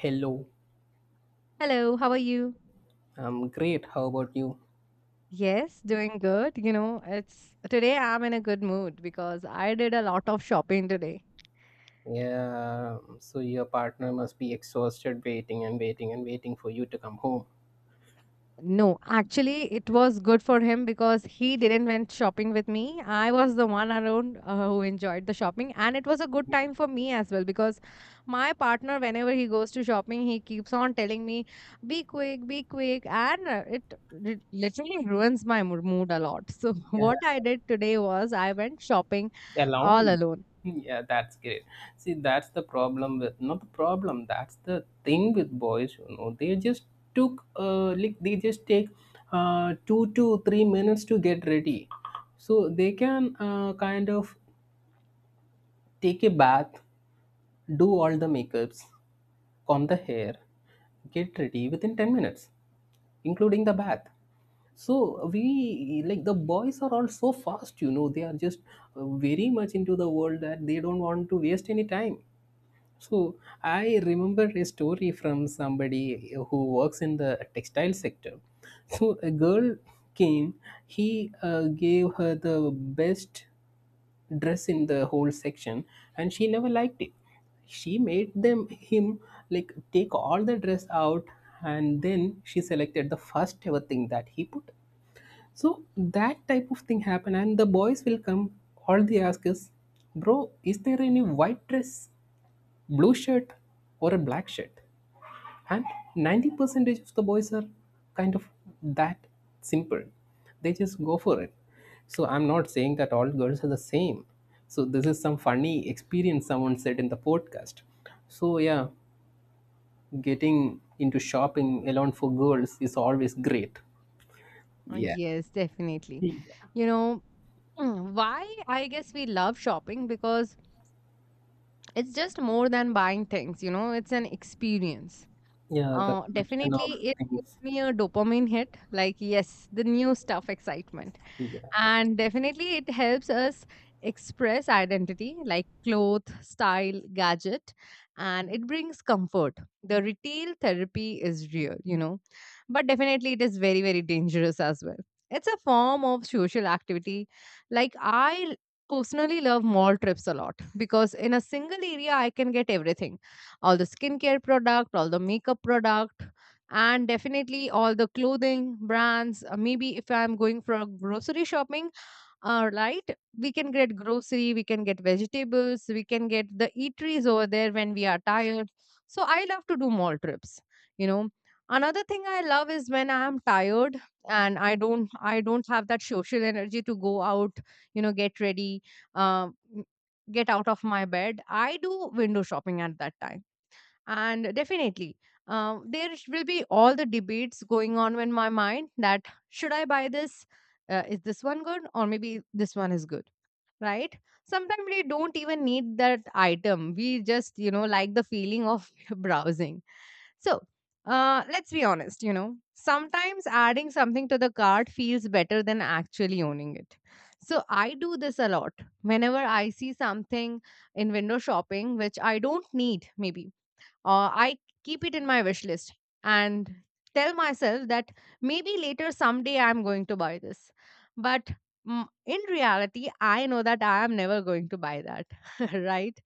Hello, Hello, how are you? I'm great. How about you? Yes, doing good. You know, it's today I'm in a good mood because I did a lot of shopping today. Yeah, so your partner must be exhausted waiting and waiting and waiting for you to come home. No, actually, it was good for him because he didn't went shopping with me. I was the one around who enjoyed the shopping, and it was a good time for me as well because my partner, whenever he goes to shopping, he keeps on telling me, be quick," and it literally ruins my mood a lot. So Yeah, what I did today was I went shopping all alone. alone. Yeah, that's great. See, that's the problem with, not the problem. That's the thing with boys. You know, they just take 2 to 3 minutes to get ready, so they can kind of take a bath, do all the makeups, comb the hair, get ready within 10 minutes, including the bath. So we, like, the boys are all so fast. You know, they are just very much into the world that they don't want to waste any time. So I remember a story from somebody who works in the textile sector. So a girl came, he gave her the best dress in the whole section, and she never liked it. She made them him, like, take all the dress out, and then she selected the first ever thing that he put. So that type of thing happen, and the boys will come. All they ask is, "Bro, is there any white dress, blue shirt, or a black shirt?" And 90% of the boys are kind of that simple. They just go for it. So I'm not saying that all girls are the same. So this is some funny experience someone said in the podcast. So yeah, getting into shopping alone for girls is always great. Uh, Yeah. Yes, definitely. Yeah, You know, why I guess we love shopping because it's just more than buying things, you know, it's an experience. yeah, the Uh, collection of definitely, it things. gives me a dopamine hit, like, yes, the new stuff excitement. Yeah. And definitely, it helps us express identity like cloth, style, gadget, and it brings comfort. The retail therapy is real, you know, but definitely, it is very, very dangerous as well. It's a form of social activity. Like, I personally love mall trips a lot because in a single area, I can get everything, all the skincare product, all the makeup product, and definitely all the clothing brands. Maybe if I'm going for a grocery shopping, right, we can get grocery, we can get vegetables, we can get the eateries over there when we are tired. So I love to do mall trips, you know. Another thing I love is when I am tired and I don't have that social energy to go out, you know, get ready, um, get out of my bed. I do window shopping at that time. And definitely, there will be all the debates going on in my mind that, should I buy this? Is this one good? Or maybe this one is good, right? Sometimes we don't even need that item. We just, you know, like the feeling of browsing. So, let's be honest, you know, sometimes adding something to the cart feels better than actually owning it. So, I do this a lot. Whenever I see something in window shopping, which I don't need, maybe I keep it in my wish list and tell myself that maybe later someday I'm going to buy this. But in reality, I know that I am never going to buy that, right?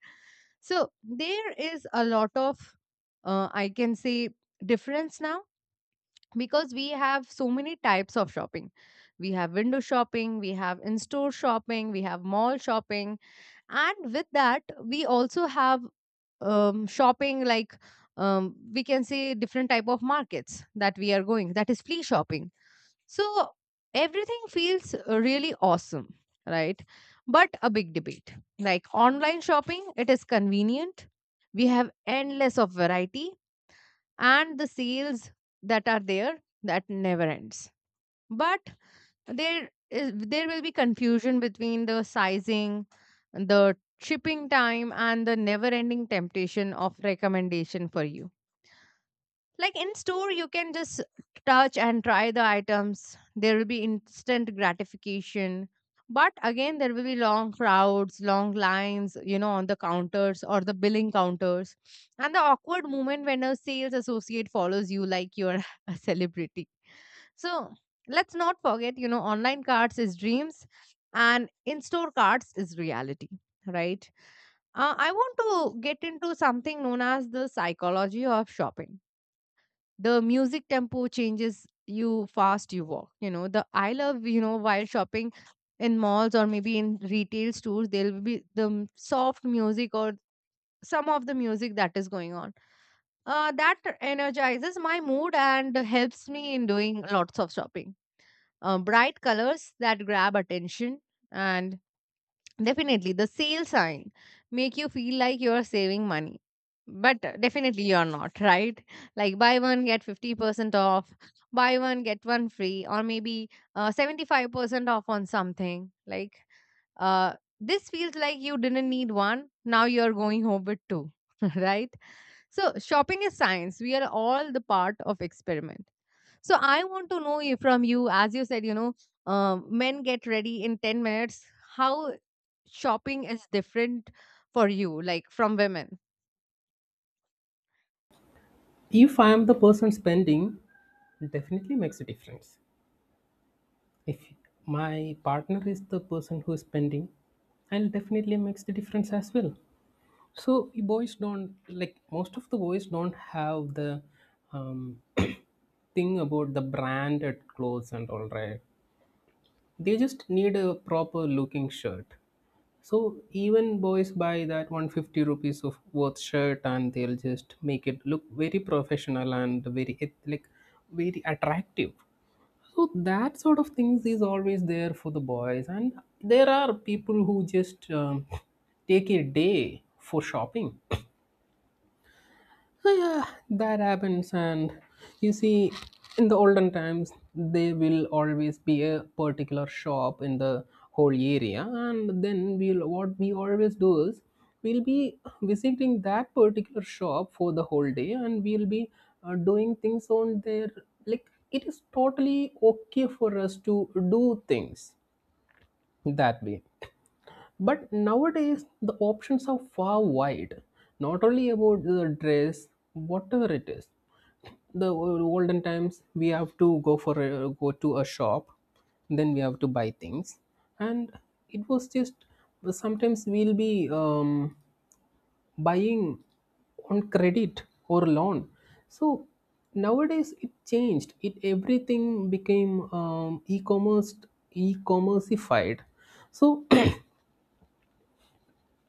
So there is a lot of, I can say, difference now because we have so many types of shopping. We have window shopping, we have in store shopping, we have mall shopping, and with that, we also have shopping like, we can say, different type of markets that we are going, that is flea shopping. So everything feels really awesome, right? But a big debate, like online shopping, it is convenient. We have endless of variety and the sales that are there that never ends. But there will be confusion between the sizing, the shipping time, and the never ending temptation of recommendation for you. Like in store, you can just touch and try the items. There will be instant gratification. But again, there will be long crowds, long lines, you know, on the counters or the billing counters. And the awkward moment when a sales associate follows you like you're a celebrity. So let's not forget, you know, online cards is dreams and in store cards is reality, right? I want to get into something known as the psychology of shopping. The music tempo changes, you fast, you walk, you know. The, I love, you know, while shopping in malls or maybe in retail stores, there will be the soft music or some of the music that is going on, that energizes my mood and helps me in doing lots of shopping. Bright colors that grab attention, and definitely the sale sign make you feel like you're saving money, but definitely you're not, right? Like buy one get 50% off, buy one get one free, or maybe 75% off on something like, uh, this feels like you didn't need one, now you're going home with two, right? So shopping is science, we are all the part of experiment. So I want to know you from you, as you said, you know, men get ready in 10 minutes. How shopping is different for you, like from women? If I am the person spending, definitely makes a difference. If my partner is the person who is spending, I'll definitely makes the difference as well. So boys don't, like, most of the boys don't have the um, thing about the branded clothes and all, right. They just need a proper looking shirt. So even boys buy that 150 rupees of worth shirt, and they'll just make it look very professional and very like very attractive. So that sort of things is always there for the boys, and there are people who just take a day for shopping. So yeah, that happens. And you see, in the olden times, there will always be a particular shop in the whole area, and then we'll what we always do is we'll be visiting that particular shop for the whole day, and we'll be doing things on there. Like, it is totally okay for us to do things that way. But nowadays, the options are far wide, not only about the dress, whatever it is. The olden times we have to go to a shop, then we have to buy things, and it was just sometimes we'll be buying on credit or loan. So nowadays it changed, it everything became e-commerceified. So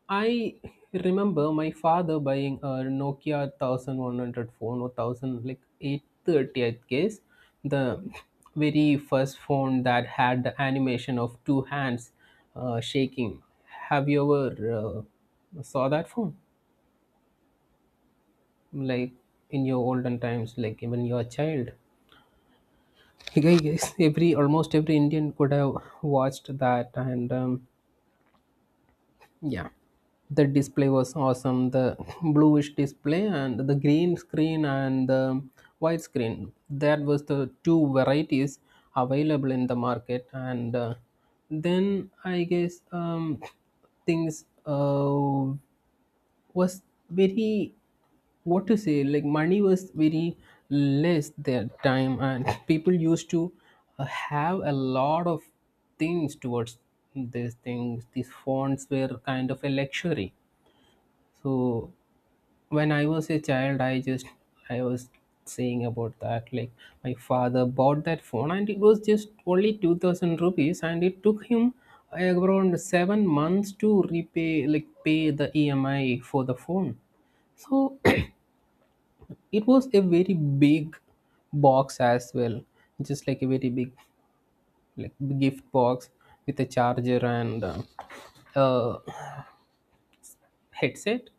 I remember my father buying a Nokia 1100 phone or 1000, like 830 I guess, the very first phone that had the animation of two hands shaking. Have you ever saw that phone, like, in your olden times, like even your child? I guess every almost every Indian could have watched that. And yeah, the display was awesome. The bluish display, and the green screen, and the white screen. That was the two varieties available in the market. And then I guess things. Was very, what to say, like money was very less that time, and people used to have a lot of things towards these fonts were kind of a luxury. So when I was a child, I just I was saying about that. Like, my father bought that phone, and it was just only 2,000 rupees, and it took him around 7 months to repay, like pay the EMI for the phone. So it was a very big box as well, just like a very big, like, gift box with a charger and uh, headset,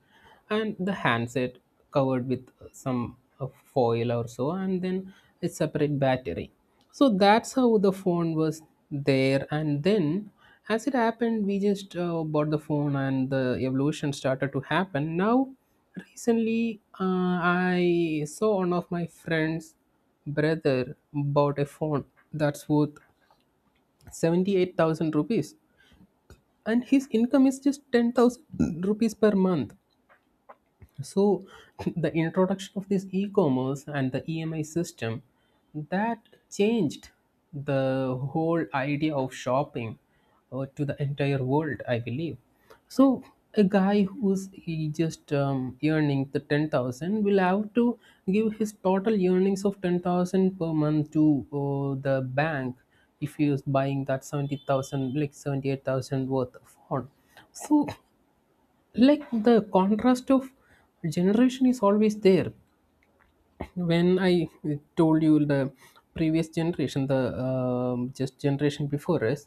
and the handset covered with some foil or so, and then a separate battery. So that's how the phone was there. And then, as it happened, we just bought the phone, and the evolution started to happen. Now recently, I saw one of my friends brother bought a phone that's worth 78,000 rupees, and his income is just 10,000 rupees per month. So the introduction of this e-commerce and the EMI system that changed the whole idea of shopping to the entire world, I believe. So a guy who's, he just earning the 10,000 will have to give his total earnings of 10,000 per month to the bank if he is buying that 70,000, like 78,000 worth of phone. So, like, the contrast of generation is always there. When I told you, the previous generation, the just generation before us,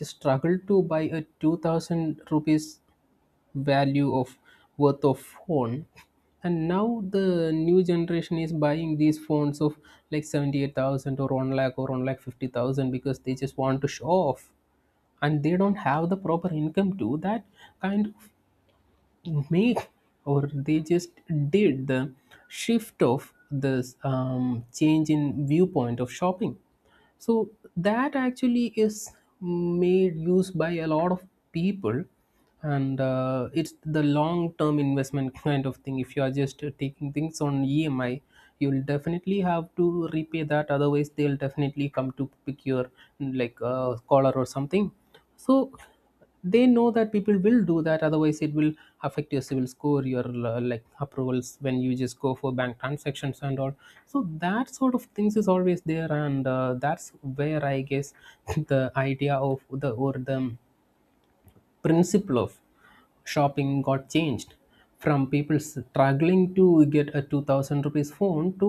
just struggled to buy a 2,000 rupees value of worth of phone, and now the new generation is buying these phones of like 78,000 or 1 lakh or 1 lakh 50,000 because they just want to show off, and they don't have the proper income to that kind of make, or they just did the shift of this change in viewpoint of shopping. So that actually is made use by a lot of people. And it's the long term investment, kind of thing. If you are just taking things on EMI, you'll definitely have to repay that, otherwise they'll definitely come to pick your, like, collar or something. So they know that people will do that, otherwise it will affect your civil score, your like approvals when you just go for bank transactions and all. So that sort of things is always there. And that's where I guess the idea of the, or the principle of shopping got changed, from people struggling to get a 2,000 rupees phone to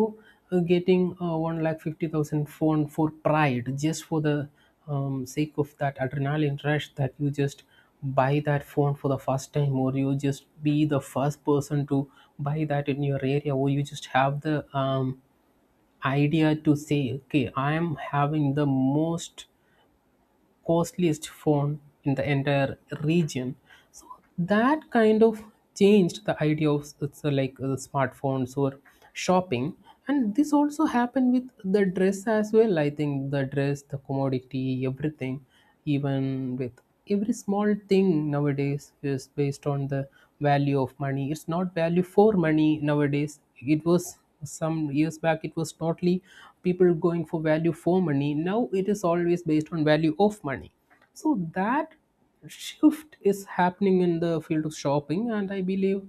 getting a 1 lakh 50,000 phone for pride, just for the sake of that adrenaline rush, that you just buy that phone for the first time, or you just be the first person to buy that in your area, or you just have the um, idea to say, okay, I am having the most costliest phone in the entire region. So that kind of changed the idea of like smartphones or shopping. And this also happened with the dress as well. I think the dress, the commodity, everything, even with every small thing nowadays, is based on the value of money. It's not value for money nowadays. It was, some years back it was totally people going for value for money. Now it is always based on value of money. So that shift is happening in the field of shopping, and I believe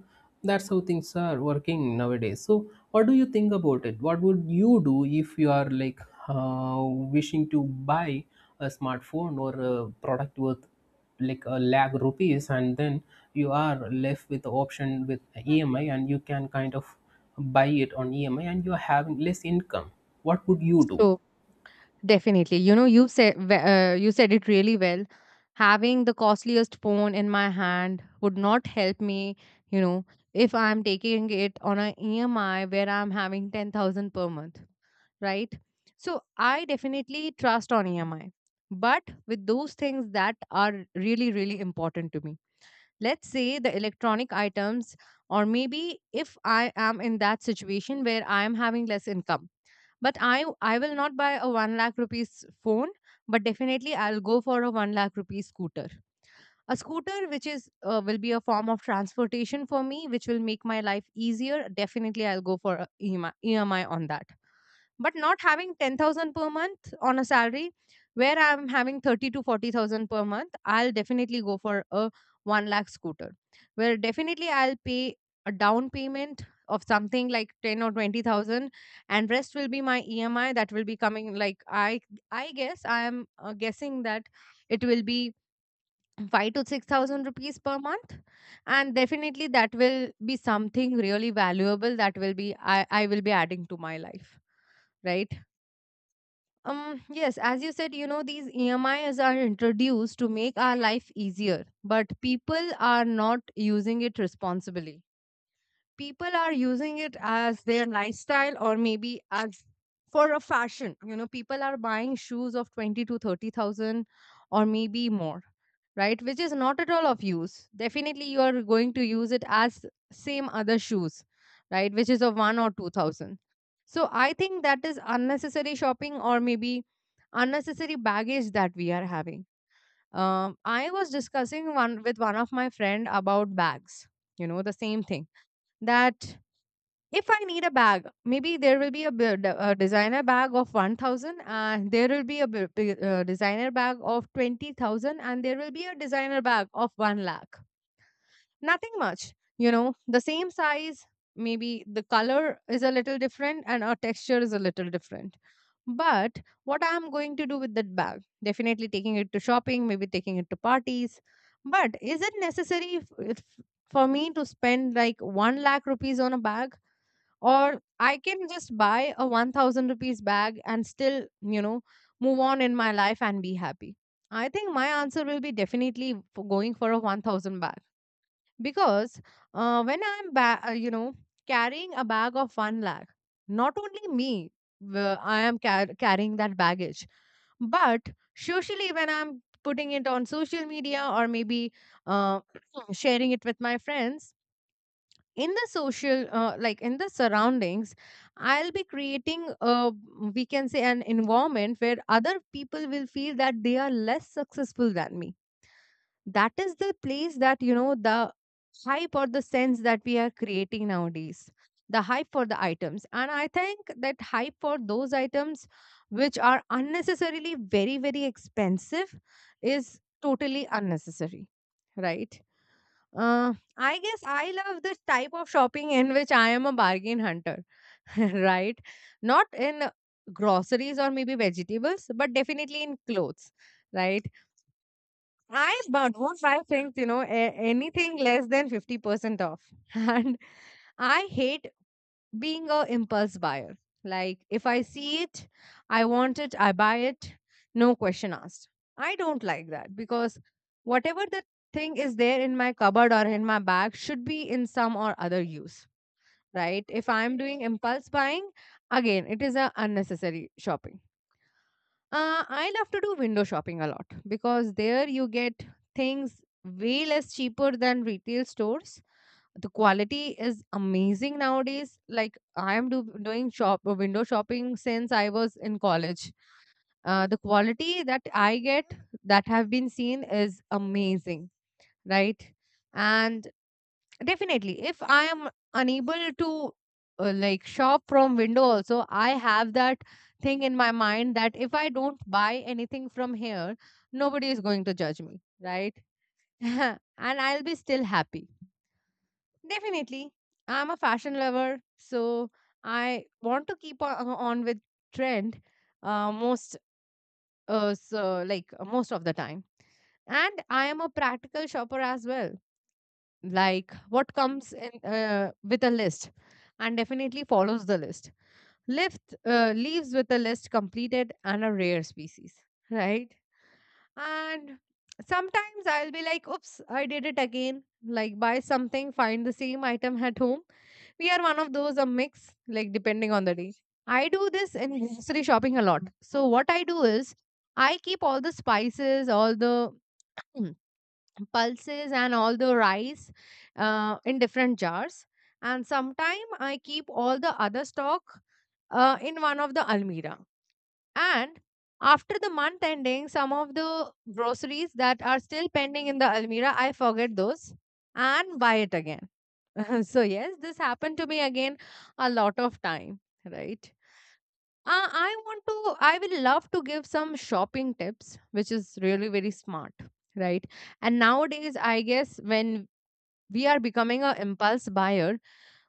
that's how things are working nowadays. So what do you think about it? What would you do if you are like, uh, wishing to buy a smartphone or a product worth like a lakh rupees, and then you are left with the option with EMI, and you can kind of buy it on EMI, and you're having less income, what would you do? So definitely, you know, you said it really well. Having the costliest phone in my hand would not help me, you know, if I'm taking it on an EMI where I'm having 10,000 per month, right? So I definitely trust on EMI, but with those things that are really, really important to me. Let's say the electronic items, or maybe if I am in that situation where I am having less income, but I will not buy a 1 lakh rupees phone, but definitely I'll go for a 1 lakh rupees scooter. A scooter which is, will be a form of transportation for me, which will make my life easier. Definitely I'll go for a EMI on that, but not having 10,000 per month on a salary where I'm having 30 to 40,000 per month, I'll definitely go for a 1 lakh scooter, where definitely I'll pay a down payment of something like 10 or 20,000, and rest will be my emi that will be coming, like, I guess I am, guessing that it will be 5 to 6000 rupees per month. And definitely that will be something really valuable that will be, I will be adding to my life, right? Yes, as you said, you know, these EMIs are introduced to make our life easier, but people are not using it responsibly. People are using it as their lifestyle, or maybe as for a fashion. You know, people are buying shoes of 20 to 30,000 or maybe more, right? Which is not at all of use. Definitely you are going to use it as same other shoes, right, which is of 1 or 2000. So I think that is unnecessary shopping or maybe unnecessary baggage that we are having. I was discussing one with one of my friend about bags, you know, the same thing, that if I need a bag, maybe there will be a designer bag of 1000, and there will be a designer bag of 20,000, and there will be a designer bag of 1 lakh. Nothing much, you know, the same size, maybe the color is a little different and our texture is a little different. But what I'm going to do with that bag, definitely taking it to shopping, maybe taking it to parties. But is it necessary if, for me to spend like 1 lakh rupees on a bag? Or I can just buy a 1000 rupees bag and still, you know, move on in my life and be happy. I think my answer will be definitely for going for a 1000 bag because, when I'm, carrying a bag of 1 lakh, not only me, I am carrying that baggage, but socially when I'm putting it on social media or maybe, uh, sharing it with my friends in the social, like in the surroundings, I'll be creating a, we can say, an environment where other people will feel that they are less successful than me. That is the place that, you know, the hype or the sense that we are creating nowadays, the hype for the items. And I think that hype for those items which are unnecessarily very, very expensive is totally unnecessary, right? I guess I love this type of shopping in which I am a bargain hunter, right? Not in, groceries or maybe vegetables, but definitely in clothes, right? I don't buy things, you know, anything less than 50% off. And I hate being a impulse buyer. Like if I see it, I want it, I buy it, no question asked. I don't like that because whatever the thing is there in my cupboard or in my bag should be in some or other use, right? If I'm doing impulse buying, again it is a unnecessary shopping. I love to do window shopping a lot because there you get things way less cheaper than retail stores. The quality is amazing nowadays. Like I am do, doing shop window shopping since I was in college. The quality that I get, that have been seen, is amazing, right? And definitely if I am unable to like shop from window, also I have that thing in my mind that if I don't buy anything from here, nobody is going to judge me, right? And I'll be still happy. Definitely. I'm a fashion lover, so I want to keep on with trend, most so like most of the time. And I am a practical shopper as well. Like what comes in with a list and definitely follows the list. Lift leaves with a list completed and a rare species, right? And sometimes I'll be like, oops, I did it again. Like, buy something, find the same item at home. We are one of those a mix, like, depending on the day. I do this in grocery shopping a lot. So, what I do is, I keep all the spices, all the pulses, and all the rice in different jars. And sometime I keep all the other stock in one of the almirah. And after the month ending, some of the groceries that are still pending in the Almira, I forget those and buy it again. So, yes, this happened to me again a lot of time, right? I want to, I will love to give some shopping tips, which is really very smart, right? And nowadays, I guess when we are becoming an impulse buyer,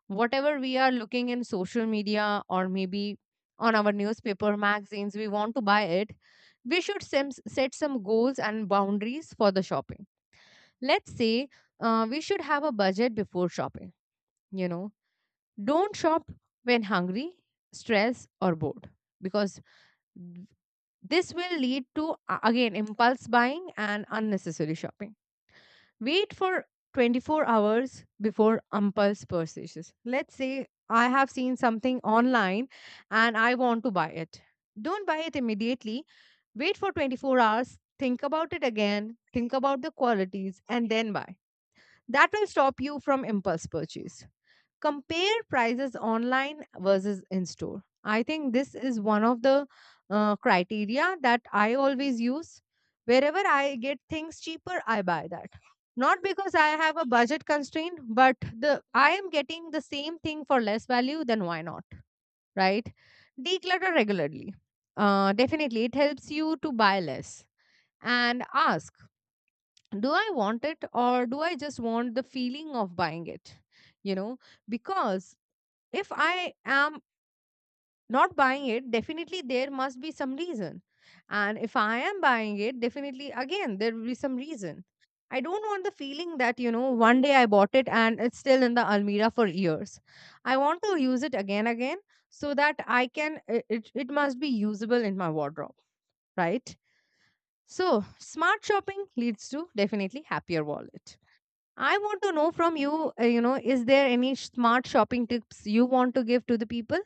whatever we are looking in social media or maybe on our newspaper magazines, we want to buy it. We should set some goals and boundaries for the shopping. Let's say, we should have a budget before shopping, you know. Don't shop when hungry, stressed, or bored, because th- this will lead to again impulse buying and unnecessary shopping. Wait for 24 hours before impulse purchases. Let's say I have seen something online and I want to buy it. Don't buy it immediately. Wait for 24 hours, think about it again, think about the qualities, and then buy. That will stop you from impulse purchase. Compare prices online versus in store. I think this is one of the criteria that I always use. Wherever I get things cheaper, I buy that. Not because I have a budget constraint, but the I am getting the same thing for less value, then why not? Right? Declutter regularly. Definitely, it helps you to buy less. And ask, do I want it or do I just want the feeling of buying it? You know, because if I am not buying it, definitely there must be some reason. And if I am buying it, definitely again, there will be some reason. I don't want the feeling that, you know, one day I bought it and it's still in the almirah for years. I want to use it again, again, so that I can, it must be usable in my wardrobe, right? So, smart shopping leads to definitely happier wallet. I want to know from you, you know, is there any smart shopping tips you want to give to the people?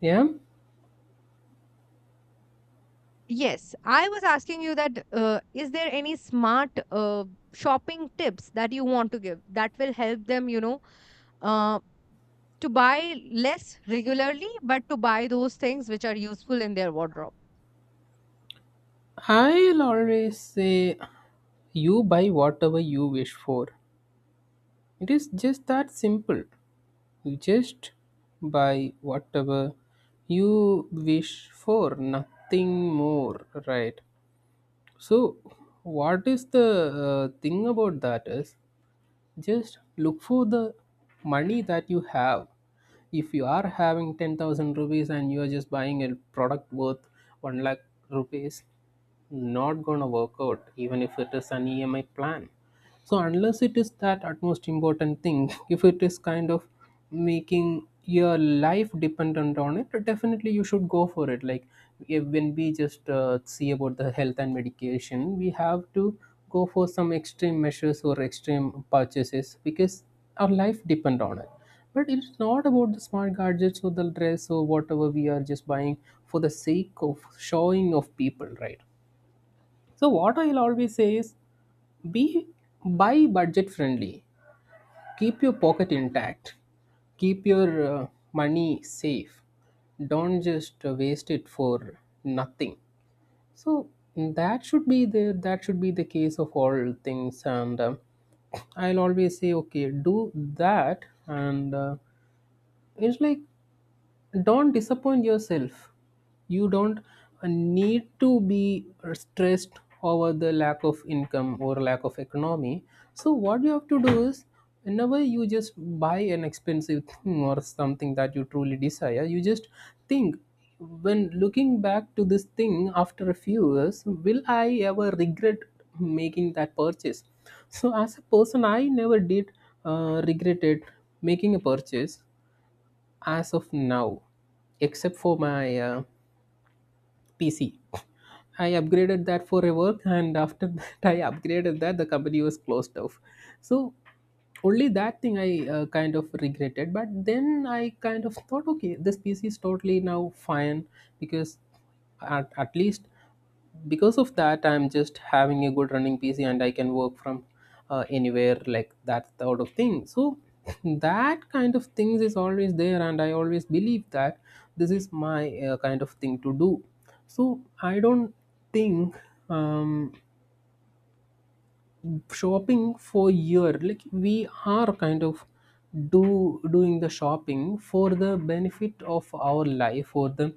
Yeah, Yes, I was asking you that is there any smart shopping tips that you want to give that will help them, you know, uh, to buy less regularly, but to buy those things which are useful in their wardrobe? I'll always say you buy whatever you wish for. It is just that simple. You just buy whatever you wish for, nothing more, right? So, what is the thing about that is, just look for the money that you have. If you are having 10,000 rupees, and you are just buying a product worth 1 lakh rupees, not going to work out, even if it is an EMI plan. So unless it is that utmost important thing, if it is kind of making your life dependent on it, definitely you should go for it. Like, if, when we just see about the health and medication, we have to go for some extreme measures or extreme purchases because our life depend on it. But it's not about the smart gadgets or the dress or whatever we are just buying for the sake of showing of people, right? So what I'll always say is, be buy budget friendly. Keep your pocket intact. Keep your money safe. Don't just waste it for nothing. So that should be the case of all things. And I'll always say, okay, do that. And it's like, don't disappoint yourself. You don't need to be stressed over the lack of income or lack of economy. So what you have to do is, whenever you just buy an expensive thing or something that you truly desire, you just think, when looking back to this thing after a few years, will I ever regret making that purchase? So as a person, I never did regretted making a purchase as of now, except for my PC. I upgraded that for a work, and after that, I upgraded that, the company was closed off. So, only that thing I kind of regretted. But then I kind of thought, okay, this PC is totally now fine because at least because of that, I'm just having a good running PC and I can work from anywhere, like that sort of thing. So that kind of things is always there, and I always believe that this is my kind of thing to do. So I don't think, um, shopping for year, like, we are kind of do doing the shopping for the benefit of our life, for the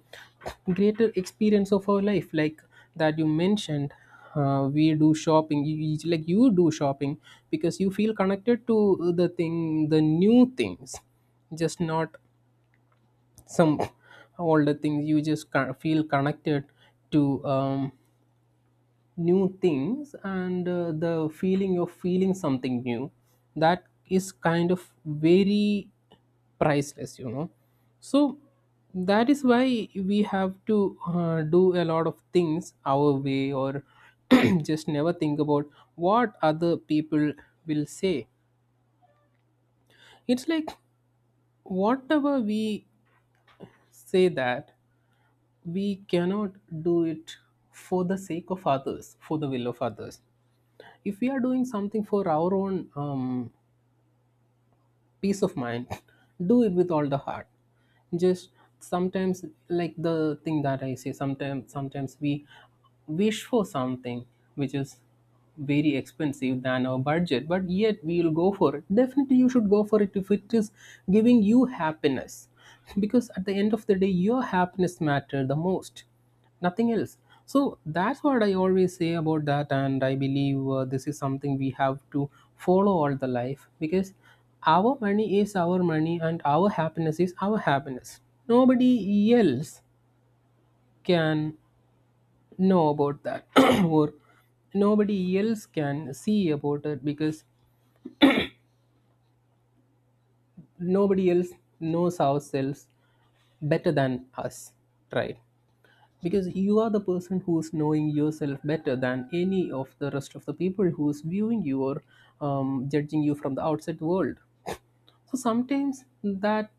greater experience of our life, like that you mentioned. We do shopping, like you do shopping because you feel connected to the thing, the new things. Just not some older things. You just kind of feel connected to, new things. And the feeling of feeling something new, that is kind of very priceless, you know. So that is why we have to do a lot of things our way, or just never think about what other people will say. It's like whatever we say that we cannot do it for the sake of others, for the will of others. If we are doing something for our own peace of mind, do it with all the heart. Just sometimes, like the thing that I say, sometimes we wish for something which is very expensive than our budget, but yet we will go for it. Definitely you should go for it if it is giving you happiness. Because at the end of the day, your happiness matter the most, nothing else. So that's what I always say about that, and I believe this is something we have to follow all the life, because our money is our money and our happiness is our happiness. Nobody else can know about that, or nobody else can see about it, because nobody else knows ourselves better than us, right? Because you are the person who's knowing yourself better than any of the rest of the people who's viewing you or judging you from the outside world. So sometimes that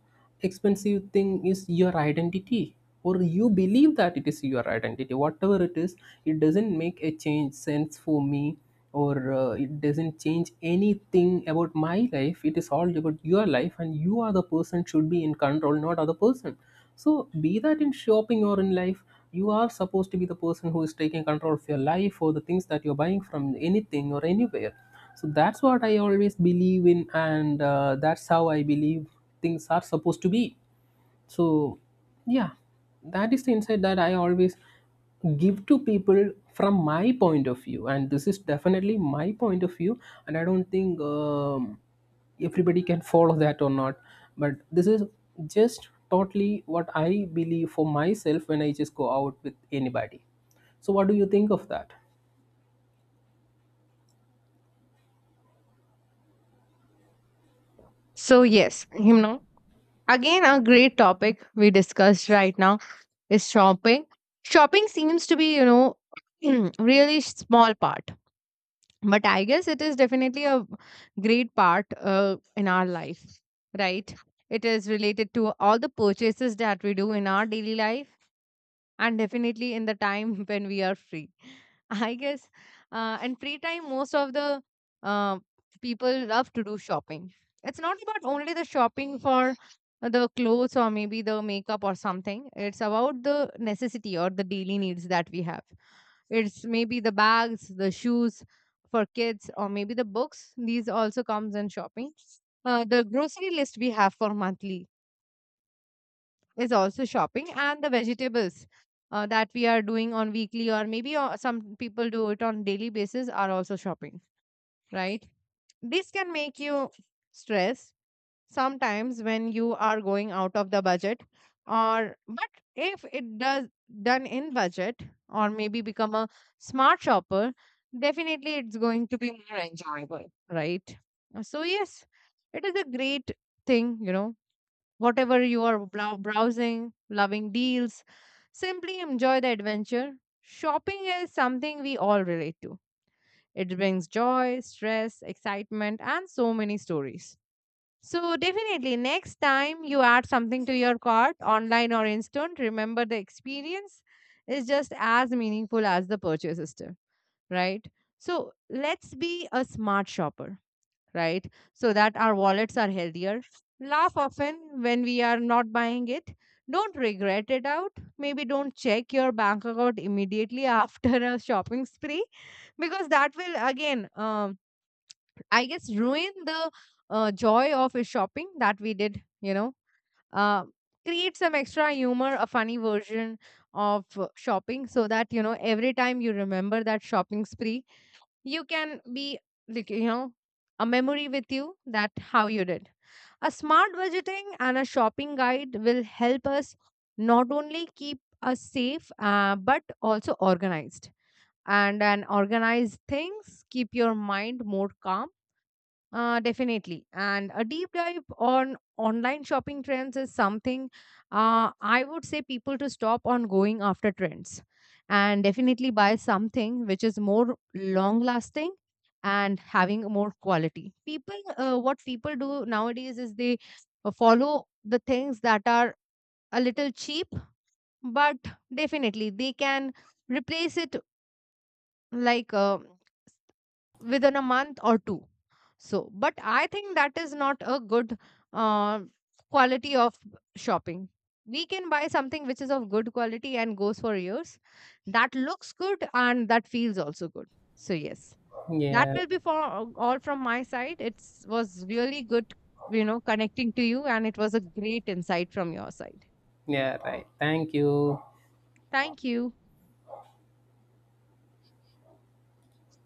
expensive thing is your identity, or you believe that it is your identity. Whatever it is, it doesn't make a change sense for me, or it doesn't change anything about my life. It is all about your life, and you are the person should be in control, not other person. So be that in shopping or in life, you are supposed to be the person who is taking control of your life or the things that you're buying from anything or anywhere. So that's what I always believe in, and that's how I believe things are supposed to be. So yeah, that is the insight that I always give to people from my point of view, and this is definitely my point of view. And I don't think, everybody can follow that or not, but this is just totally what I believe for myself when I just go out with anybody. So what do you think of that? So, yes, you know, again, a great topic we discussed right now. Is shopping. Shopping seems to be, you know, really small part, but I guess it is definitely a great part in our life, right? It is related to all the purchases that we do in our daily life, and definitely in the time when we are free, I guess, and free time most of the uh, people love to do shopping. It's not about only the shopping for the clothes or maybe the makeup or something. It's about the necessity or the daily needs that we have. It's maybe the bags, the shoes for kids, or maybe the books, these also comes in shopping. The grocery list we have for monthly is also shopping, and the vegetables that we are doing on weekly or maybe some people do it on daily basis are also shopping, right? This can make you stress sometimes when you are going out of the budget. Or but if it does done in budget, or maybe become a smart shopper, definitely it's going to be more enjoyable, right? So yes, it is a great thing, you know, whatever you are browsing, loving deals. Simply enjoy the adventure. Shopping is something we all relate to. It brings joy, stress, excitement, and so many stories. So, definitely, next time you add something to your cart, online or instant, remember the experience is just as meaningful as the purchase itself, right? So, let's be a smart shopper, right? So that our wallets are healthier. Laugh often when we are not buying it. Don't regret it out. Maybe don't check your bank account immediately after a shopping spree, because that will again, I guess, ruin the joy of a shopping that we did, you know. Uh, Create some extra humor, a funny version of shopping so that, you know, every time you remember that shopping spree, you can be like, you know, a memory with you that how you did a smart budgeting, and a shopping guide will help us not only keep us safe but also organized, and an organized things keep your mind more calm, definitely. And a deep dive on online shopping trends is something I would say people to stop on going after trends and definitely buy something which is more long lasting and having more quality. People, what people do nowadays is they follow the things that are a little cheap, but definitely they can replace it, like. Within a month or two. So but I think that is not a good uh, quality of shopping. We can buy something which is of good quality and goes for years, that looks good and that feels also good. So yes, that Yeah. will be for all from my side. It was really good, you know, connecting to you, and it was a great insight from your side. Yeah, right, thank you. Thank you.